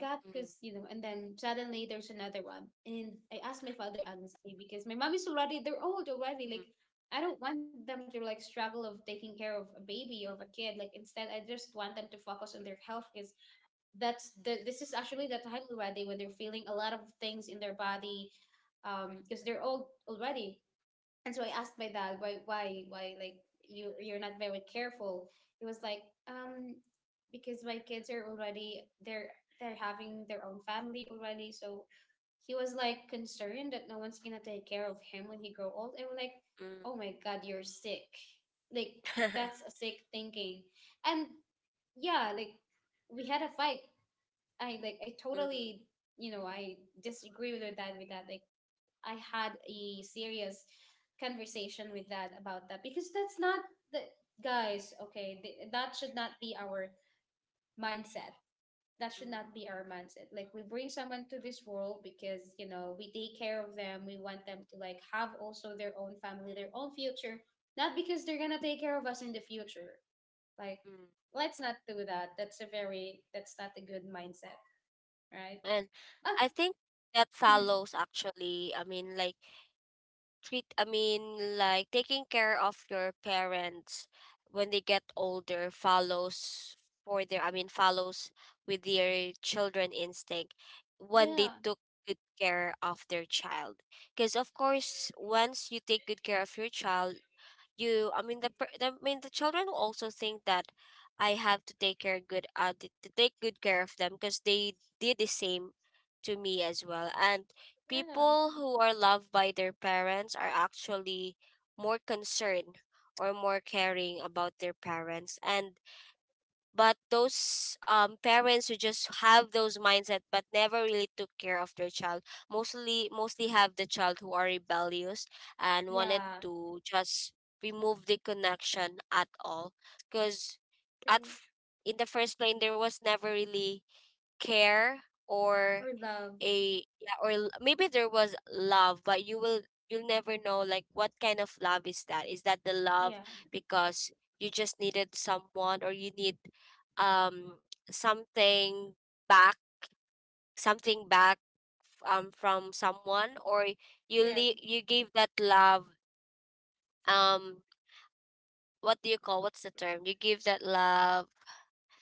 gap. Because Mm-hmm. you know, and then suddenly there's another one. And I asked my father honestly, because my mom is already they're old already. Like, I don't want them to like struggle of taking care of a baby or of a kid. Like instead, I just want them to focus on their health, because that's the this is actually the time already when they're feeling a lot of things in their body, because they're old already. And so I asked my dad why, like you, you're not very careful. He was like, um, because my kids are already they're having their own family already, so he was like concerned that no one's gonna take care of him when he grow old. And we're like, oh my god, you're sick. Like that's a sick thinking. And yeah, like we had a fight. I like I totally, you know, I disagree with my dad with that. Like I had a serious conversation with dad about that, because that's not the guys. Okay, that should not be our mindset. That should not be our mindset. Like we bring someone to this world because you know we take care of them. We want them to like have also their own family, their own future, not because they're gonna take care of us in the future. Like let's not do that. That's a very that's not a good mindset, right? And I Okay. think that Mhm. follows actually. I mean, like treat I mean, like taking care of your parents when they get older follows for their, I mean, follows with their children instinct when they Yeah. took good care of their child, because of course once you take good care of your child, you I mean, the children will also think that I have to take care good, t- to take good care of them because they did the same to me as well. And people who are loved by their parents are actually more concerned or more caring about their parents. And but those, parents who just have those mindset but never really took care of their child mostly have the child who are rebellious and wanted Yeah. to just remove the connection at all, because at True. f- in the first place there was never really care or. Or love. A yeah, or maybe there was love, but you'll never know like what kind of love is that. Is that the love Yeah. because you just needed someone, or you need um something back, something back from someone, or you Yeah, le- you give that love, um what do you call, what's the term, you give that love.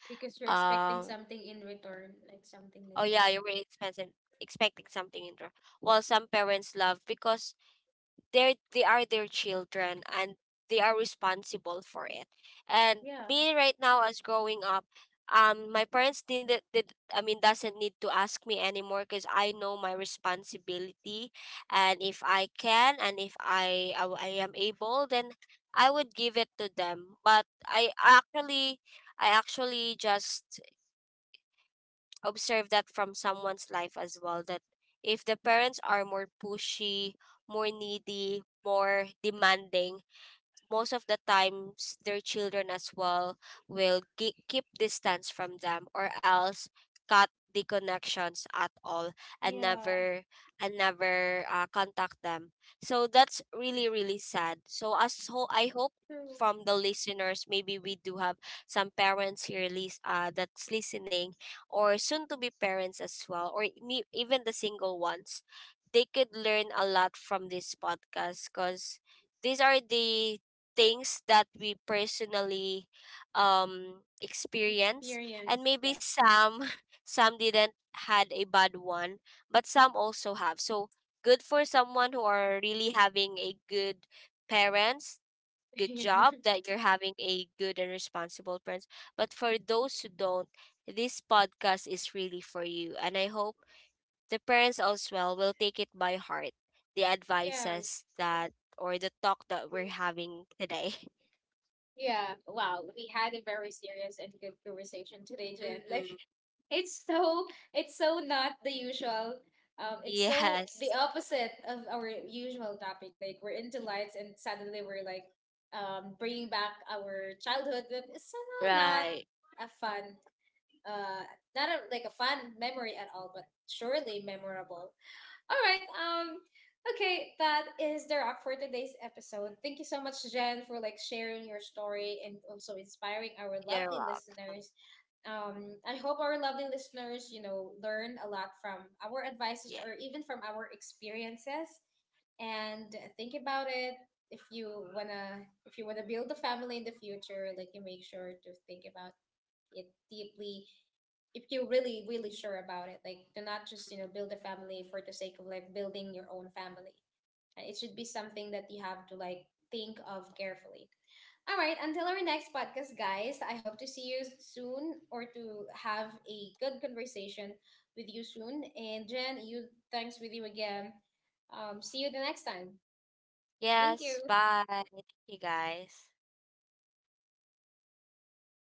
because you're expecting Um. something in return, like something Oh like yeah, that. you were expecting, expecting something in return. Well, some parents love because they are their children and they are responsible for it. And Yeah. me right now as growing up, my parents didn't did, I mean, doesn't need to ask me anymore because I know my responsibility, and if I can and if I am able, then I would give it to them. But I actually, I actually just observe that from someone's life as well that if the parents are more pushy, more needy, more demanding, most of the times their children as well will keep distance from them or else cut the connections at all and never contact them. So that's really really sad. So I hope from the listeners, maybe we do have some parents here, that's listening, or soon to be parents as well, or me, even the single ones, they could learn a lot from this podcast because these are the things that we personally experience. And Experience. maybe Yeah. some some didn't had a bad one but some also have, so good for someone who are really having a good parents. Good Yeah, job that you're having a good and responsible parents. But for those who don't, this podcast is really for you, and I hope the parents as well will take it by heart, the yeah. advices that or the talk that we're having today. Yeah. Wow, we had a very serious and good conversation today, Jen. Like Mhm. it's so, it's so not the usual. It's so the Yes. opposite of our usual topic. Like we're into lights, and suddenly we're like, bringing back our childhood, but it's somehow not Right. a fun, uh, not a, like a fun memory at all, but surely memorable. All right. Okay, that is the wrap for today's episode. Thank you so much, Jen, for like sharing your story and also inspiring our You're lovely welcome. listeners. I hope our lovely listeners, you know, learn a lot from our advices Yeah. or even from our experiences, and think about it. If you wanna build a family in the future, like you make sure to think about it deeply, if you're really really sure about it. Like do not just, you know, build a family for the sake of like building your own family. It should be something that you have to like think of carefully. All right, until our next podcast, guys, I hope to see you soon, or to have a good conversation with you soon. And Jen, you, thanks with you again. Um, see you the next time. Thank Yes. you. Bye. Thank you guys.